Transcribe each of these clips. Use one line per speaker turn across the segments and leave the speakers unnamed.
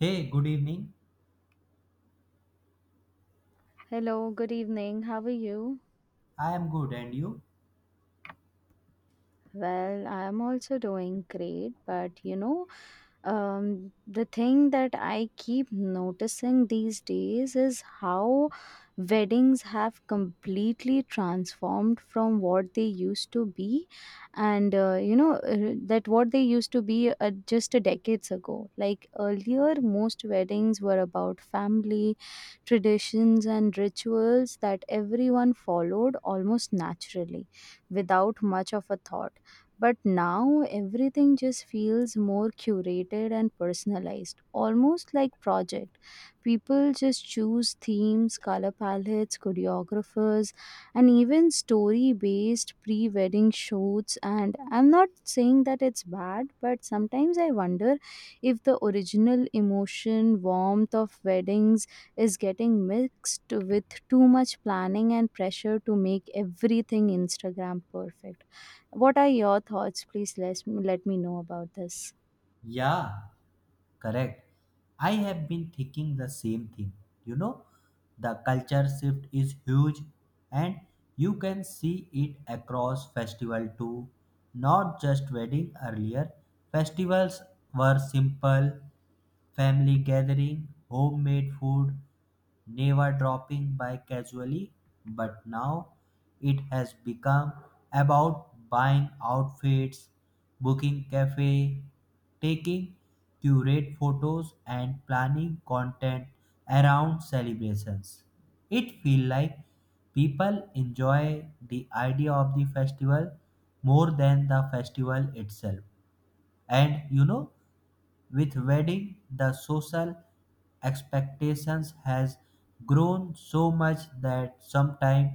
Hey, good evening.
Hello, good evening. How are you?
I am good, and you?
Well, I am also doing great, but the thing that I keep noticing these days is how weddings have completely transformed from what they used to be, and that what they used to be just a decades ago. Like earlier, most weddings were about family, traditions, and rituals that everyone followed almost naturally without much of a thought, but now everything just feels more curated and personalized, almost like project. People just choose themes, color palettes, choreographers, and even story-based pre-wedding shoots. And I'm not saying that it's bad, but sometimes I wonder if the original emotion, warmth of weddings is getting mixed with too much planning and pressure to make everything Instagram perfect. What are your thoughts? Please let me know about this.
Yeah, correct. I have been thinking the same thing. You know, the culture shift is huge, and you can see it across festival too. Not just wedding earlier, festivals were simple, family gathering, homemade food, never dropping by casually, but now it has become about buying outfits, booking cafe, taking curate photos and planning content around celebrations. It feel like people enjoy the idea of the festival more than the festival itself. And with wedding, the social expectations has grown so much that sometimes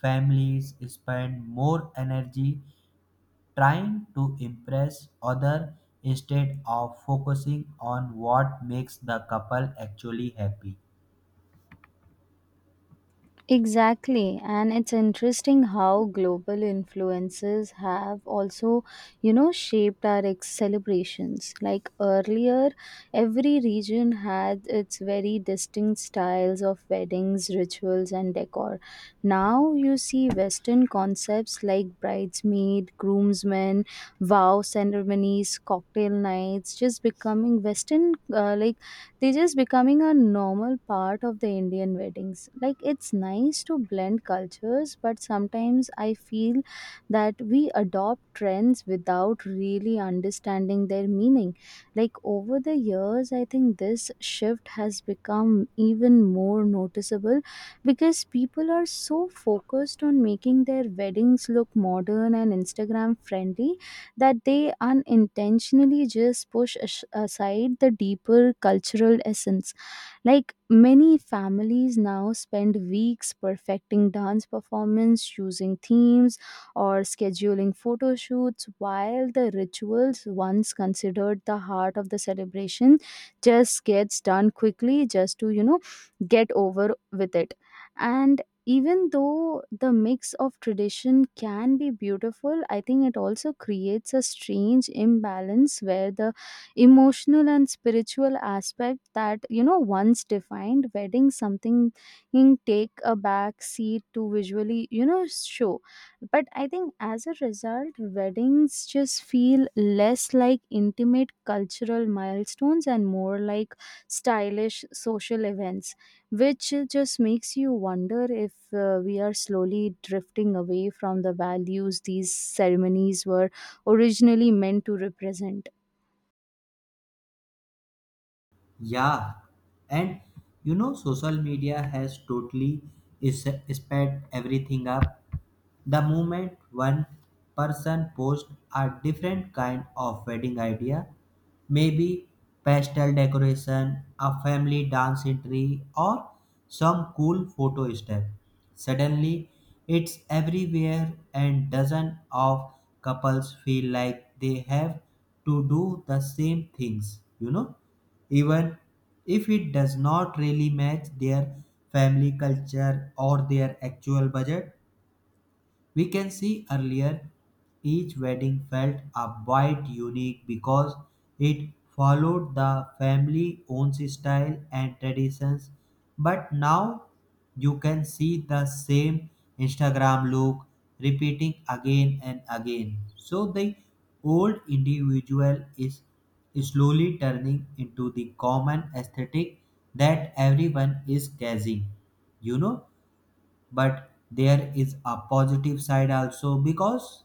families spend more energy trying to impress other instead of focusing on what makes the couple actually happy.
Exactly, and it's interesting how global influences have also, you know, shaped our celebrations. Like earlier, every region had its very distinct styles of weddings, rituals, and decor. Now you see Western concepts like bridesmaid, groomsmen, vow ceremonies, cocktail nights, just becoming Western like they're just becoming a normal part of the Indian weddings. Like it's nice to blend cultures, but sometimes I feel that we adopt trends without really understanding their meaning. Like over the years, I think this shift has become even more noticeable because people are so focused on making their weddings look modern and Instagram friendly that they unintentionally just push aside the deeper cultural essence. Like many families now spend weeks perfecting dance performance, choosing themes, or scheduling photo shoots, while the rituals once considered the heart of the celebration just gets done quickly just to, you know, get over with it. And even though the mix of tradition can be beautiful, I think it also creates a strange imbalance where the emotional and spiritual aspect that you know once defined wedding something in take a back seat to visually you know show. But I think as a result weddings just feel less like intimate cultural milestones and more like stylish social events, which just makes you wonder if we are slowly drifting away from the values these ceremonies were originally meant to represent.
Yeah, and social media has totally is sped everything up. The moment one person posts a different kind of wedding idea, maybe pastel decoration, a family dance entry, or some cool photo step, suddenly it's everywhere and dozens of couples feel like they have to do the same things, even if it does not really match their family culture or their actual budget. We can see earlier each wedding felt a bit unique because it followed the family own style and traditions, but now you can see the same Instagram look repeating again and again. So the old individual is slowly turning into the common aesthetic that everyone is chasing. You know, but there is a positive side also because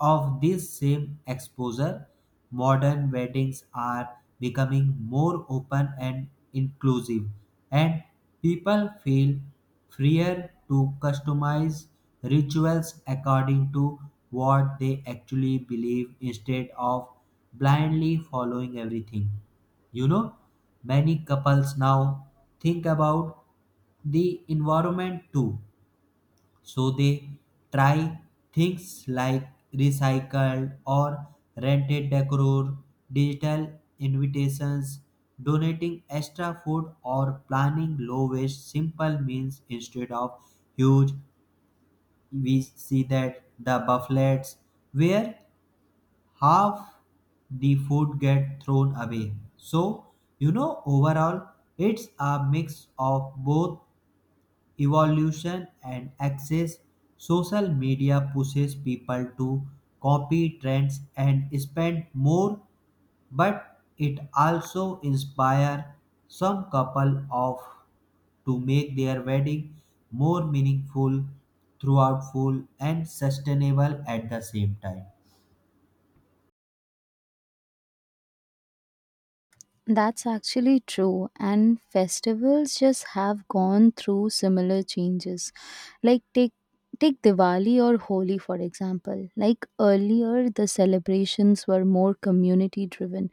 of this same exposure modern weddings are becoming more open and inclusive, and people feel freer to customize rituals according to what they actually believe instead of blindly following everything. you know Many couples now think about the environment too, so they try things like recycled or rented decor, digital invitations, donating extra food, or planning low waste simple meals instead of huge. We see that the buffets where half the food get thrown away. So overall it's a mix of both evolution and access. Social media pushes people to copy trends and spend more, but it also inspires some couple of to make their wedding more meaningful, throughout full and sustainable at the same time.
That's actually true, and festivals just have gone through similar changes. Like take Diwali or Holi for example. Like earlier the celebrations were more community driven.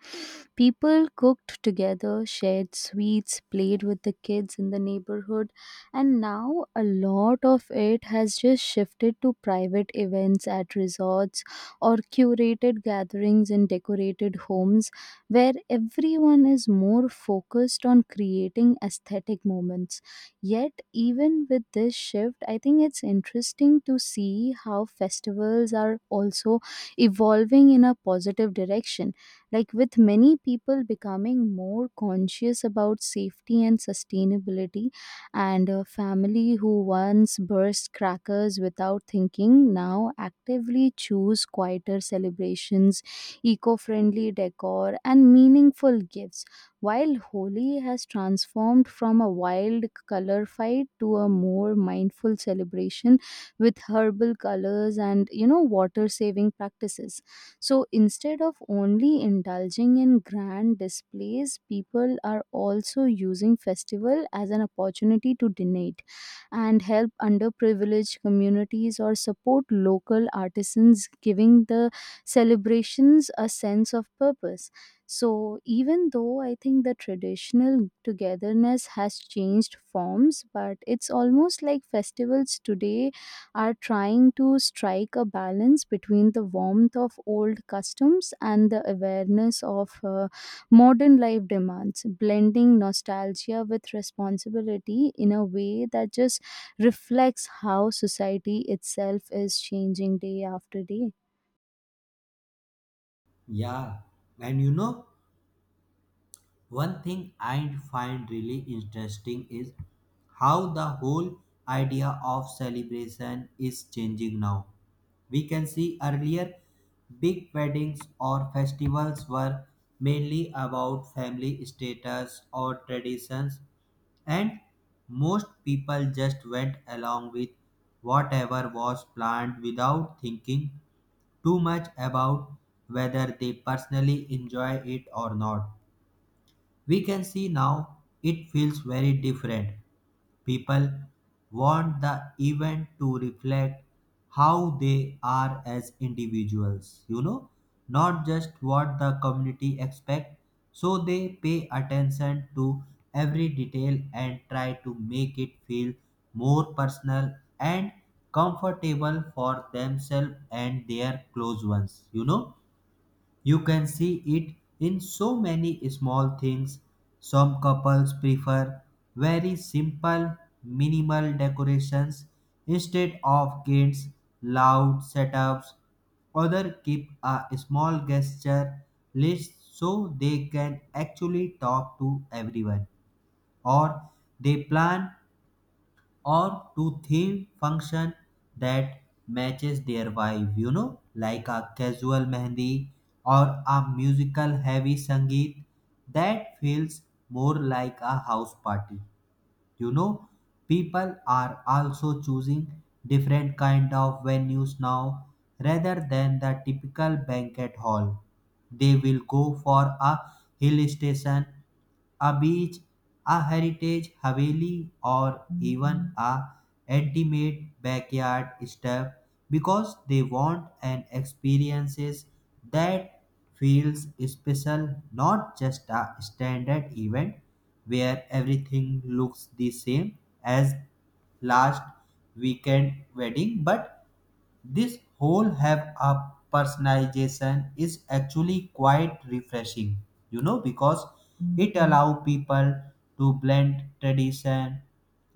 People cooked together, shared sweets, played with the kids in the neighborhood, and now a lot of it has just shifted to private events at resorts or curated gatherings in decorated homes where everyone is more focused on creating aesthetic moments. Yet, even with this shift, I think it's interesting to see how festivals are also evolving in a positive direction. Like, with many people becoming more conscious about safety and sustainability, and a family who once burst crackers without thinking now actively choose quieter celebrations, eco-friendly decor, and meaningful gifts. While Holi has transformed from a wild color fight to a more mindful celebration with herbal colors and you know water saving practices. So instead of only indulging in grand displays, people are also using festival as an opportunity to donate and help underprivileged communities or support local artisans, giving the celebrations a sense of purpose. So, even though I think the traditional togetherness has changed forms, but it's almost like festivals today are trying to strike a balance between the warmth of old customs and the awareness of modern life demands, blending nostalgia with responsibility in a way that just reflects how society itself is changing day after day.
Yeah, and one thing I find really interesting is how the whole idea of celebration is changing now. We can see earlier big weddings or festivals were mainly about family status or traditions, and most people just went along with whatever was planned without thinking too much about whether they personally enjoy it or not. We can see now it feels very different. People want the event to reflect how they are as individuals, not just what the community expect. So they pay attention to every detail and try to make it feel more personal and comfortable for themselves and their close ones. You can see it in so many small things. Some couples prefer very simple, minimal decorations instead of kids' loud setups. Others keep a small gesture list so they can actually talk to everyone, or they plan or to theme function that matches their vibe, like a casual mehndi or a musical heavy sangeet that feels more like a house party you know People are also choosing different kind of venues now rather than the typical banquet hall. They will go for a hill station, a beach, a heritage haveli, or even a intimate backyard step because they want an experiences that feels special, not just a standard event where everything looks the same as last weekend wedding. But this whole have a personalization is actually quite refreshing, because it allow people to blend tradition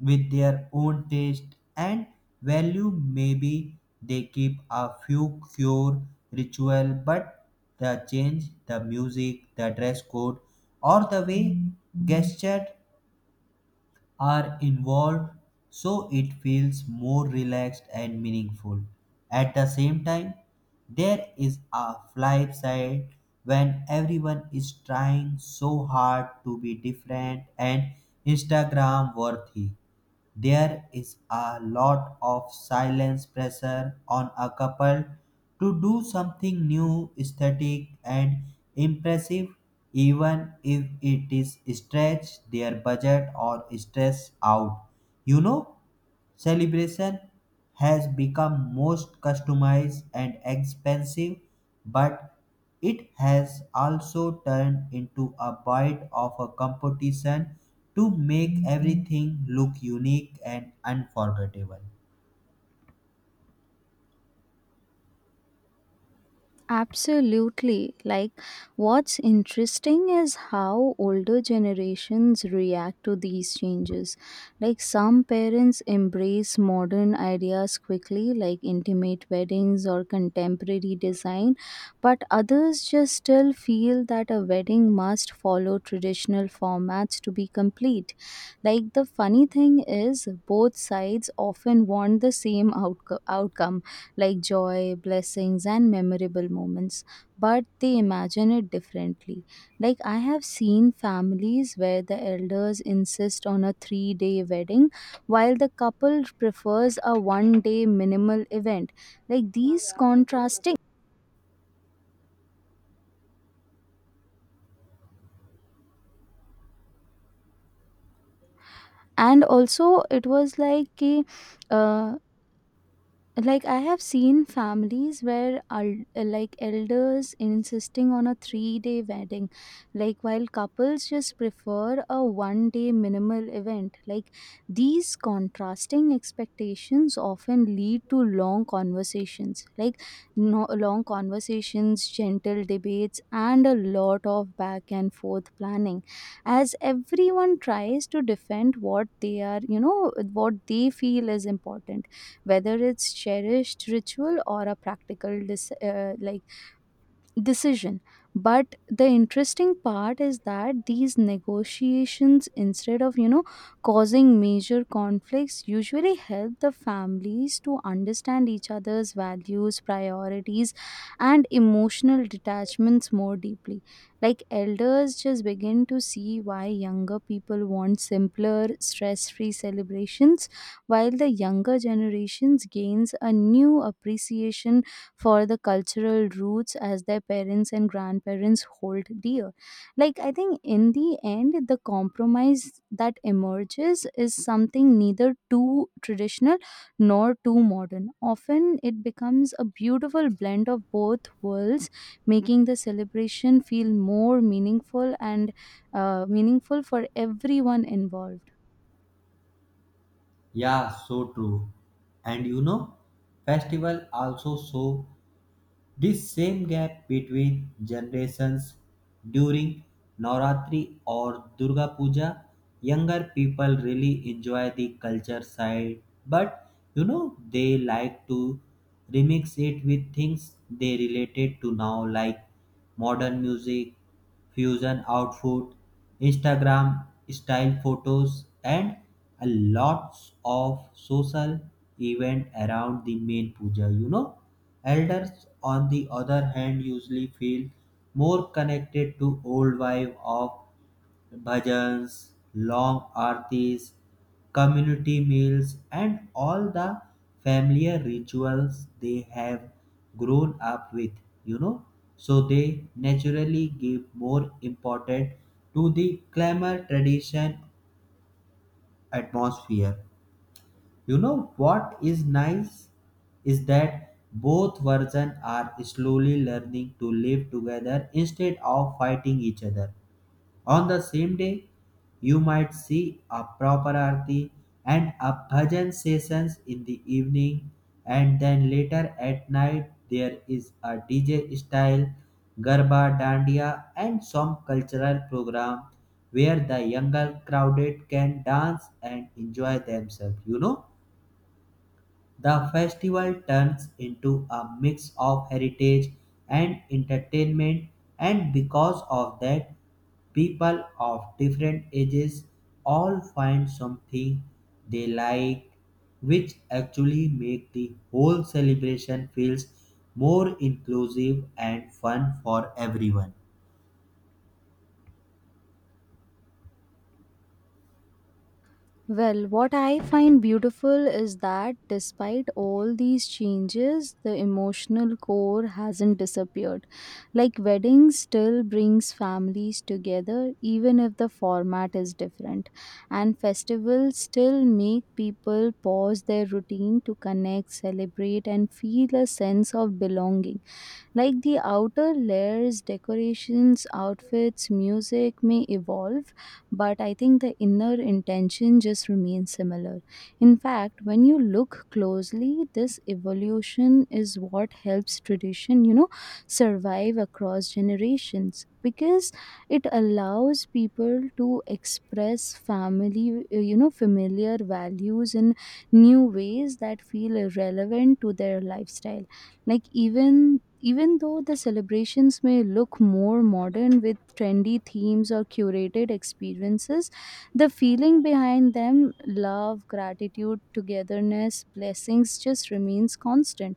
with their own taste and value. Maybe they keep a few cure ritual, but the change the music, the dress code, or the way gestured are involved so it feels more relaxed and meaningful. At the same time, there is a flip side. When everyone is trying so hard to be different and Instagram worthy, there is a lot of silence pressure on a couple to do something new, aesthetic, and impressive, even if it is stretch their budget or stress out. You know, Celebration has become most customized and expensive, but it has also turned into a bit of a competition to make everything look unique and unforgettable.
Absolutely. Like, what's interesting is how older generations react to these changes. Like, some parents embrace modern ideas quickly, like intimate weddings or contemporary design, but others just still feel that a wedding must follow traditional formats to be complete. Like the funny thing is, both sides often want the same outcome, like joy, blessings, and memorable moments, but they imagine it differently. Like, I have seen families where the elders insist on a 3-day wedding, while the couple prefers a 1-day minimal event. Like, these contrasting. And also, it was like, कि, uh, like I have seen families where el- like elders insisting on a 3-day wedding, like while couples just prefer a 1-day minimal event. Like these contrasting expectations often lead to long conversations like no, long conversations, gentle debates and a lot of back and forth planning as everyone tries to defend what they are you know what they feel is important, whether it's cherished ritual or a practical decision. But the interesting part is that these negotiations, instead of you know causing major conflicts, usually help the families to understand each other's values, priorities, and emotional detachments more deeply. Like elders just begin to see why younger people want simpler, stress-free celebrations, while the younger generations gains a new appreciation for the cultural roots as their parents and grandparents hold dear. Like, I think in the end, the compromise that emerges is something neither too traditional nor too modern. Often, it becomes a beautiful blend of both worlds, making the celebration feel more meaningful and meaningful for everyone involved.
Yeah, so true. And festival also show this same gap between generations. During Navratri or Durga Puja, younger people really enjoy the culture side, but you know they like to remix it with things they related to now, like modern music fusion outfit, Instagram style photos, and a lots of social event around the main puja. Elders on the other hand usually feel more connected to old vibe of bhajans, long aartis, community meals, and all the familiar rituals they have grown up with, you know. So they naturally give more importance to the glamour tradition atmosphere. You know what is nice is that both versions are slowly learning to live together instead of fighting each other. On the same day, you might see a proper arti and a bhajan sessions in the evening, and then later at night there is a DJ style garba dandiya and some cultural program where the younger crowded can dance and enjoy themselves. The festival turns into a mix of heritage and entertainment, and because of that, people of different ages all find something they like, which actually make the whole celebration feels more inclusive and fun for everyone.
Well, what I find beautiful is that despite all these changes, the emotional core hasn't disappeared. Like weddings still brings families together even if the format is different, and festivals still make people pause their routine to connect, celebrate and feel a sense of belonging. Like the outer layers, decorations, outfits, music may evolve, but I think the inner intention just remains similar. In fact, when you look closely, this evolution is what helps tradition, you know, survive across generations because it allows people to express familiar values in new ways that feel relevant to their lifestyle. Like, even though the celebrations may look more modern with trendy themes or curated experiences, the feeling behind them, love, gratitude, togetherness, blessings just remains constant,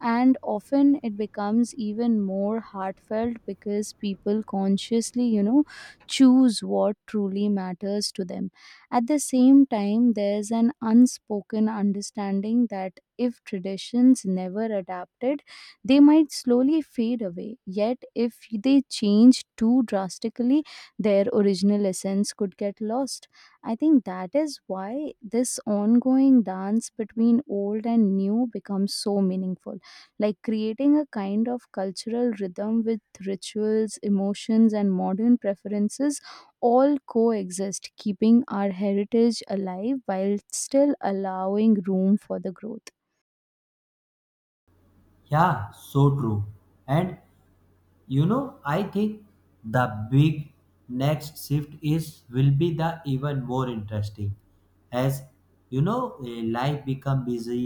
and often it becomes even more heartfelt because people consciously you know choose what truly matters to them. At the same time, there's an unspoken understanding that if traditions never adapted, they might slowly fade away, yet if they change too drastically, their original essence could get lost. I think that is why this ongoing dance between old and new becomes so meaningful, like creating a kind of cultural rhythm with rituals, emotions, and modern preferences all coexist, keeping our heritage alive while still allowing room for the growth.
Yeah, so true. And I think the big next shift is will be the even more interesting. As you know, life become busy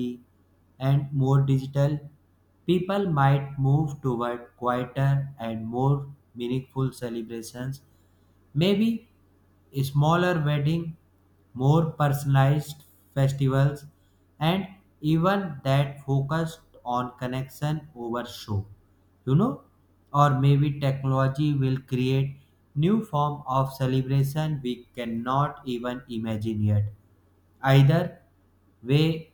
and more digital, people might move toward quieter and more meaningful celebrations. Maybe a smaller wedding, more personalized festivals, and even that focused on connection over show. You know, or maybe technology will create new form of celebration we cannot even imagine yet. Either way,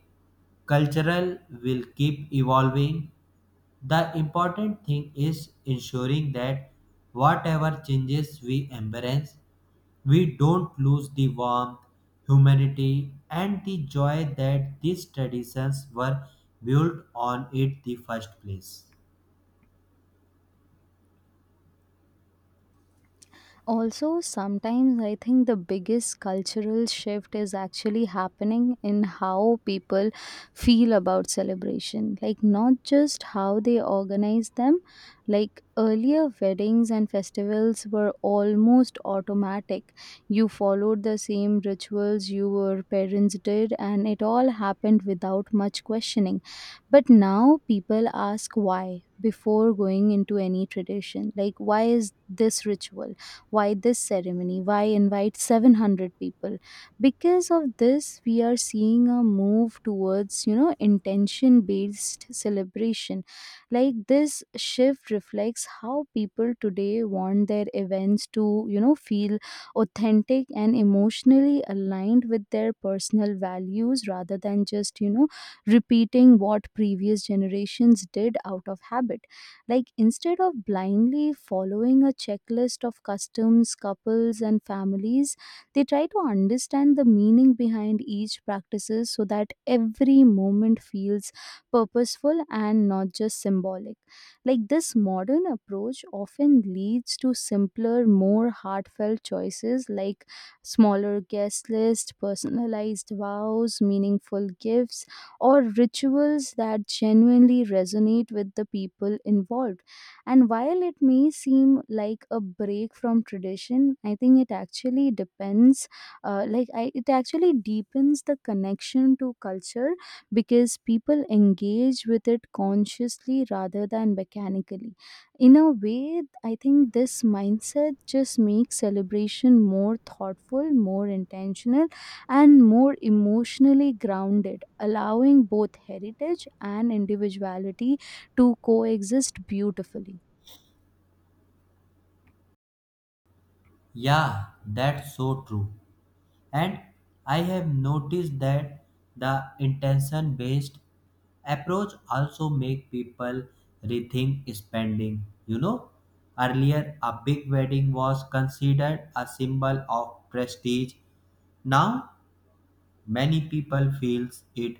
cultural will keep evolving. The important thing is ensuring that whatever changes we embrace, we don't lose the warmth, humanity, and the joy that these traditions were built on in the first place.
Also, sometimes I think the biggest cultural shift is actually happening in how people feel about celebration. Like, not just how they organize them. Like, earlier weddings and festivals were almost automatic. You followed the same rituals your parents did, and it all happened without much questioning. But now people ask why before going into any tradition. Like, why is this ritual? Why this ceremony? Why invite 700 people? Because of this, we are seeing a move towards, you know, intention based celebration. Like this shift reflects how people today want their events to, you know, feel authentic and emotionally aligned with their personal values rather than just, you know, repeating what previous generations did out of habit. Like, instead of blindly following a checklist of customs, couples, and families, they try to understand the meaning behind each practices so that every moment feels purposeful and not just symbolic. Like, this modern approach often leads to simpler, more heartfelt choices like smaller guest list, personalized vows, meaningful gifts or rituals that genuinely resonate with the people involved. And while it may seem like a break from tradition, I think it actually depends, like, I, it actually deepens the connection to culture because people engage with it consciously rather than mechanically. In a way, I think this mindset just makes celebration more thoughtful, more intentional and more emotionally grounded, allowing both heritage and individuality to coexist beautifully.
Yeah, that's so true. And I have noticed that the intention based approach also make people rethink spending. Earlier a big wedding was considered a symbol of prestige. Now many people feels it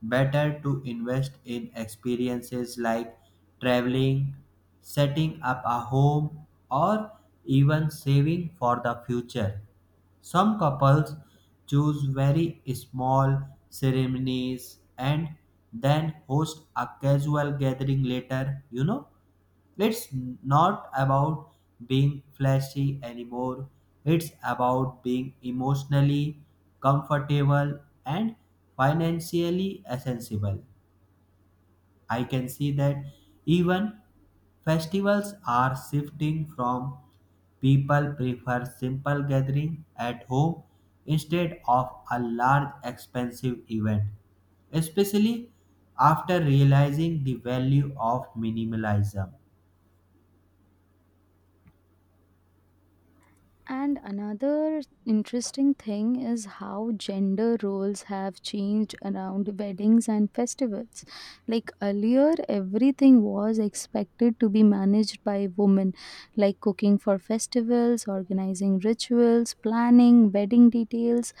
better to invest in experiences like traveling, setting up a home, or even saving for the future. Some couples choose very small ceremonies and then host a casual gathering later. It's not about being flashy anymore. It's about being emotionally comfortable and financially accessible. I can see that even festivals are shifting from people prefer simple gathering at home instead of a large expensive event, especially after realizing the value of minimalism.
And another interesting thing is how gender roles have changed around weddings and festivals. Like earlier, everything was expected to be managed by women, like cooking for festivals, organizing rituals, planning wedding details,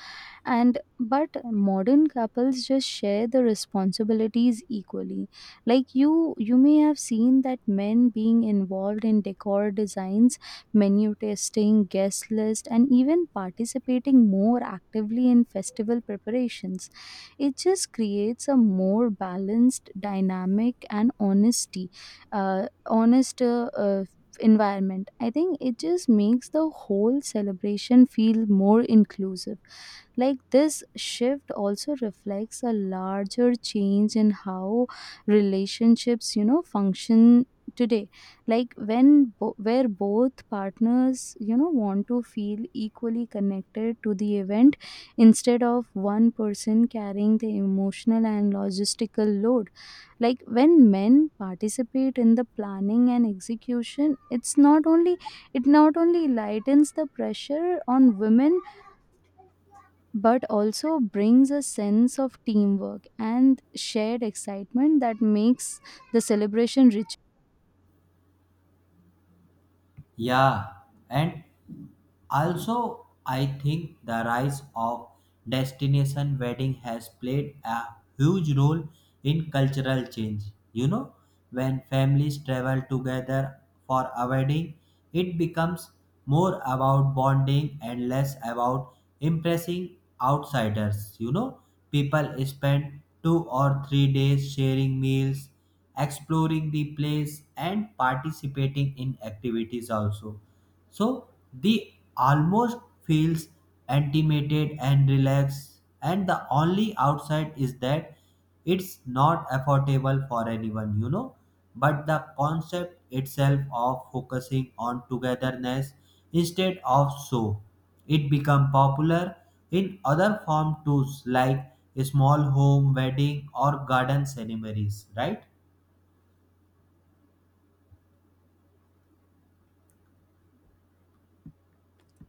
and but modern couples just share the responsibilities equally. Like you may have seen that men being involved in decor designs, menu testing, guest list and even participating more actively in festival preparations. It just creates a more balanced dynamic and honesty honest environment. I think it just makes the whole celebration feel more inclusive. Like this shift also reflects a larger change in how relationships, you know, function today, like when where both partners you know want to feel equally connected to the event instead of one person carrying the emotional and logistical load. Like when men participate in the planning and execution, it not only lightens the pressure on women, but also brings a sense of teamwork and shared excitement that makes the celebration.
Yeah, and also, I think the rise of destination wedding has played a huge role in cultural change. You know, when families travel together for a wedding, it becomes more about bonding and less about impressing outsiders. People spend 2 or 3 days sharing meals, exploring the place, and participating in activities also, so the almost feels intimated and relaxed, and the only outside is that it's not affordable for anyone. But the concept itself of focusing on togetherness instead of so, it become popular in other form too, like a small home wedding or garden ceremonies, right?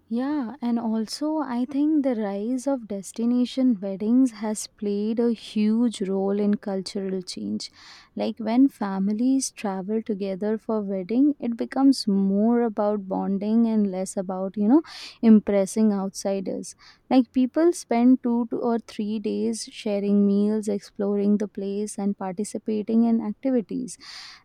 Yeah, and also I think the rise of destination weddings has played a huge role in cultural change. Like when families travel together for wedding, it becomes more about bonding and less about, you know, impressing outsiders. Like people spend 2 to or 3 days sharing meals, exploring the place and participating in activities.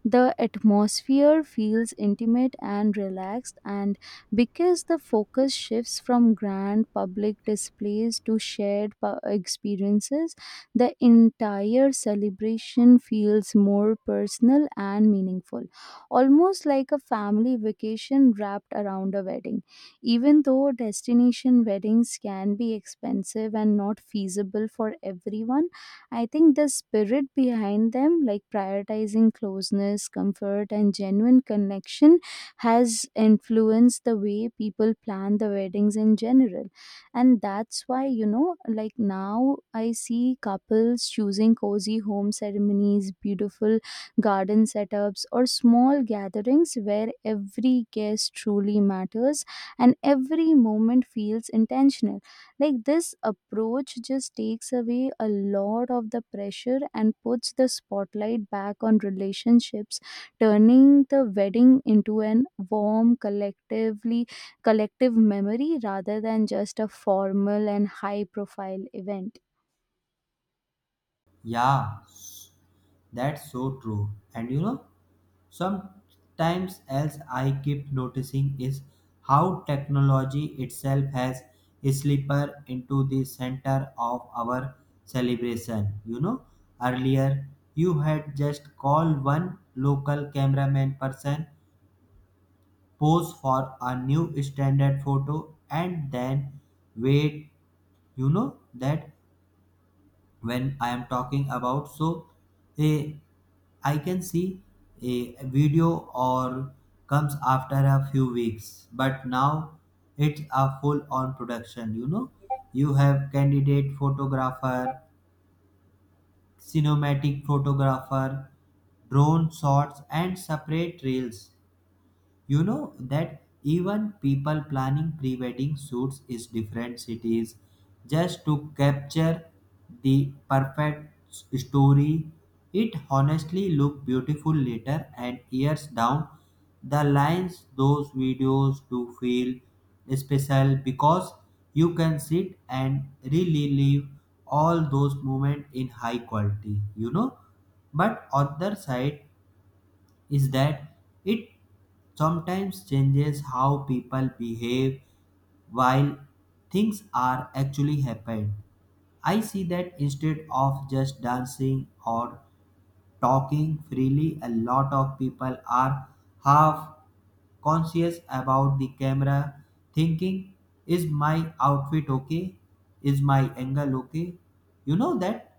The atmosphere feels intimate and relaxed, and because the focus shifts from grand public displays to shared experiences, the entire celebration feels more personal and meaningful, almost like a family vacation wrapped around a wedding. Even though destination weddings can be expensive and not feasible for everyone, I think the spirit behind them, like prioritizing closeness, comfort, and genuine connection, has influenced the way people plan the weddings in general. And that's why, you know, like now I see couples choosing cozy home ceremonies, beautiful garden setups, or small gatherings where every guest truly matters and every moment feels intentional. Like this approach just takes away a lot of the pressure and puts the spotlight back on relationships, turning the wedding into an warm, collective memory rather than just a formal and high profile event.
Yeah, that's so true. And sometimes else I keep noticing is how technology itself has slipper into the center of our celebration. Earlier you had just call one local cameraman person, pose for a new standard photo, and then wait. You know that when I am talking about. So a I can see a video or comes after a few weeks, but now it's a full on production. You have candidate photographer, cinematic photographer, drone shots, and separate reels. You know that even people planning pre-wedding shoots is different cities just to capture the perfect story. It honestly look beautiful later, and years down the lines those videos do feel special because you can sit and relive all those moments in high quality. But on the other side, is that it sometimes changes how people behave while things are actually happening. I see that instead of just dancing or talking freely, a lot of people are half conscious about the camera, thinking, is my outfit okay? Is my angle okay? You know that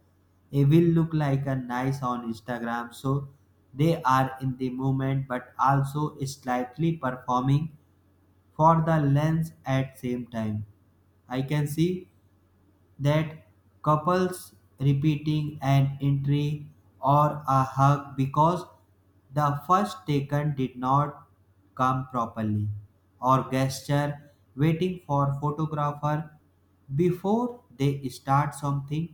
it will look like a nice on Instagram. So they are in the moment but also slightly performing for the lens at same time. I can see that couples repeating an entry or a hug because the first taken did not come properly, or gesture waiting for photographer before they start something.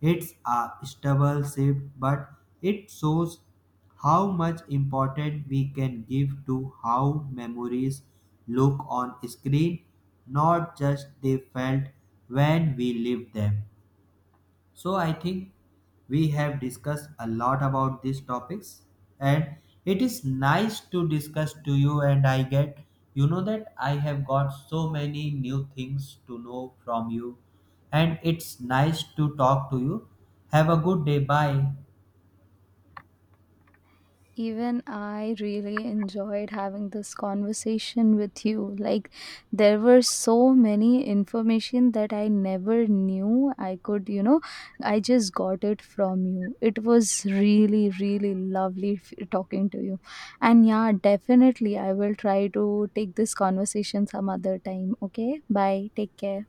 It's a stable shift, but it shows how much importance we can give to how memories look on screen, not just they felt when we lived them. So I think we have discussed a lot about these topics, and it is nice to discuss to you and I get you know that I have got so many new things to know from you, and it's nice to talk to you. Have a good day. Bye.
Even I really enjoyed having this conversation with you. Like, there were so many information that I never knew I could, you know, I just got it from you. It was really, really lovely talking to you. And yeah, definitely, I will try to take this conversation some other time. Okay, bye. Take care.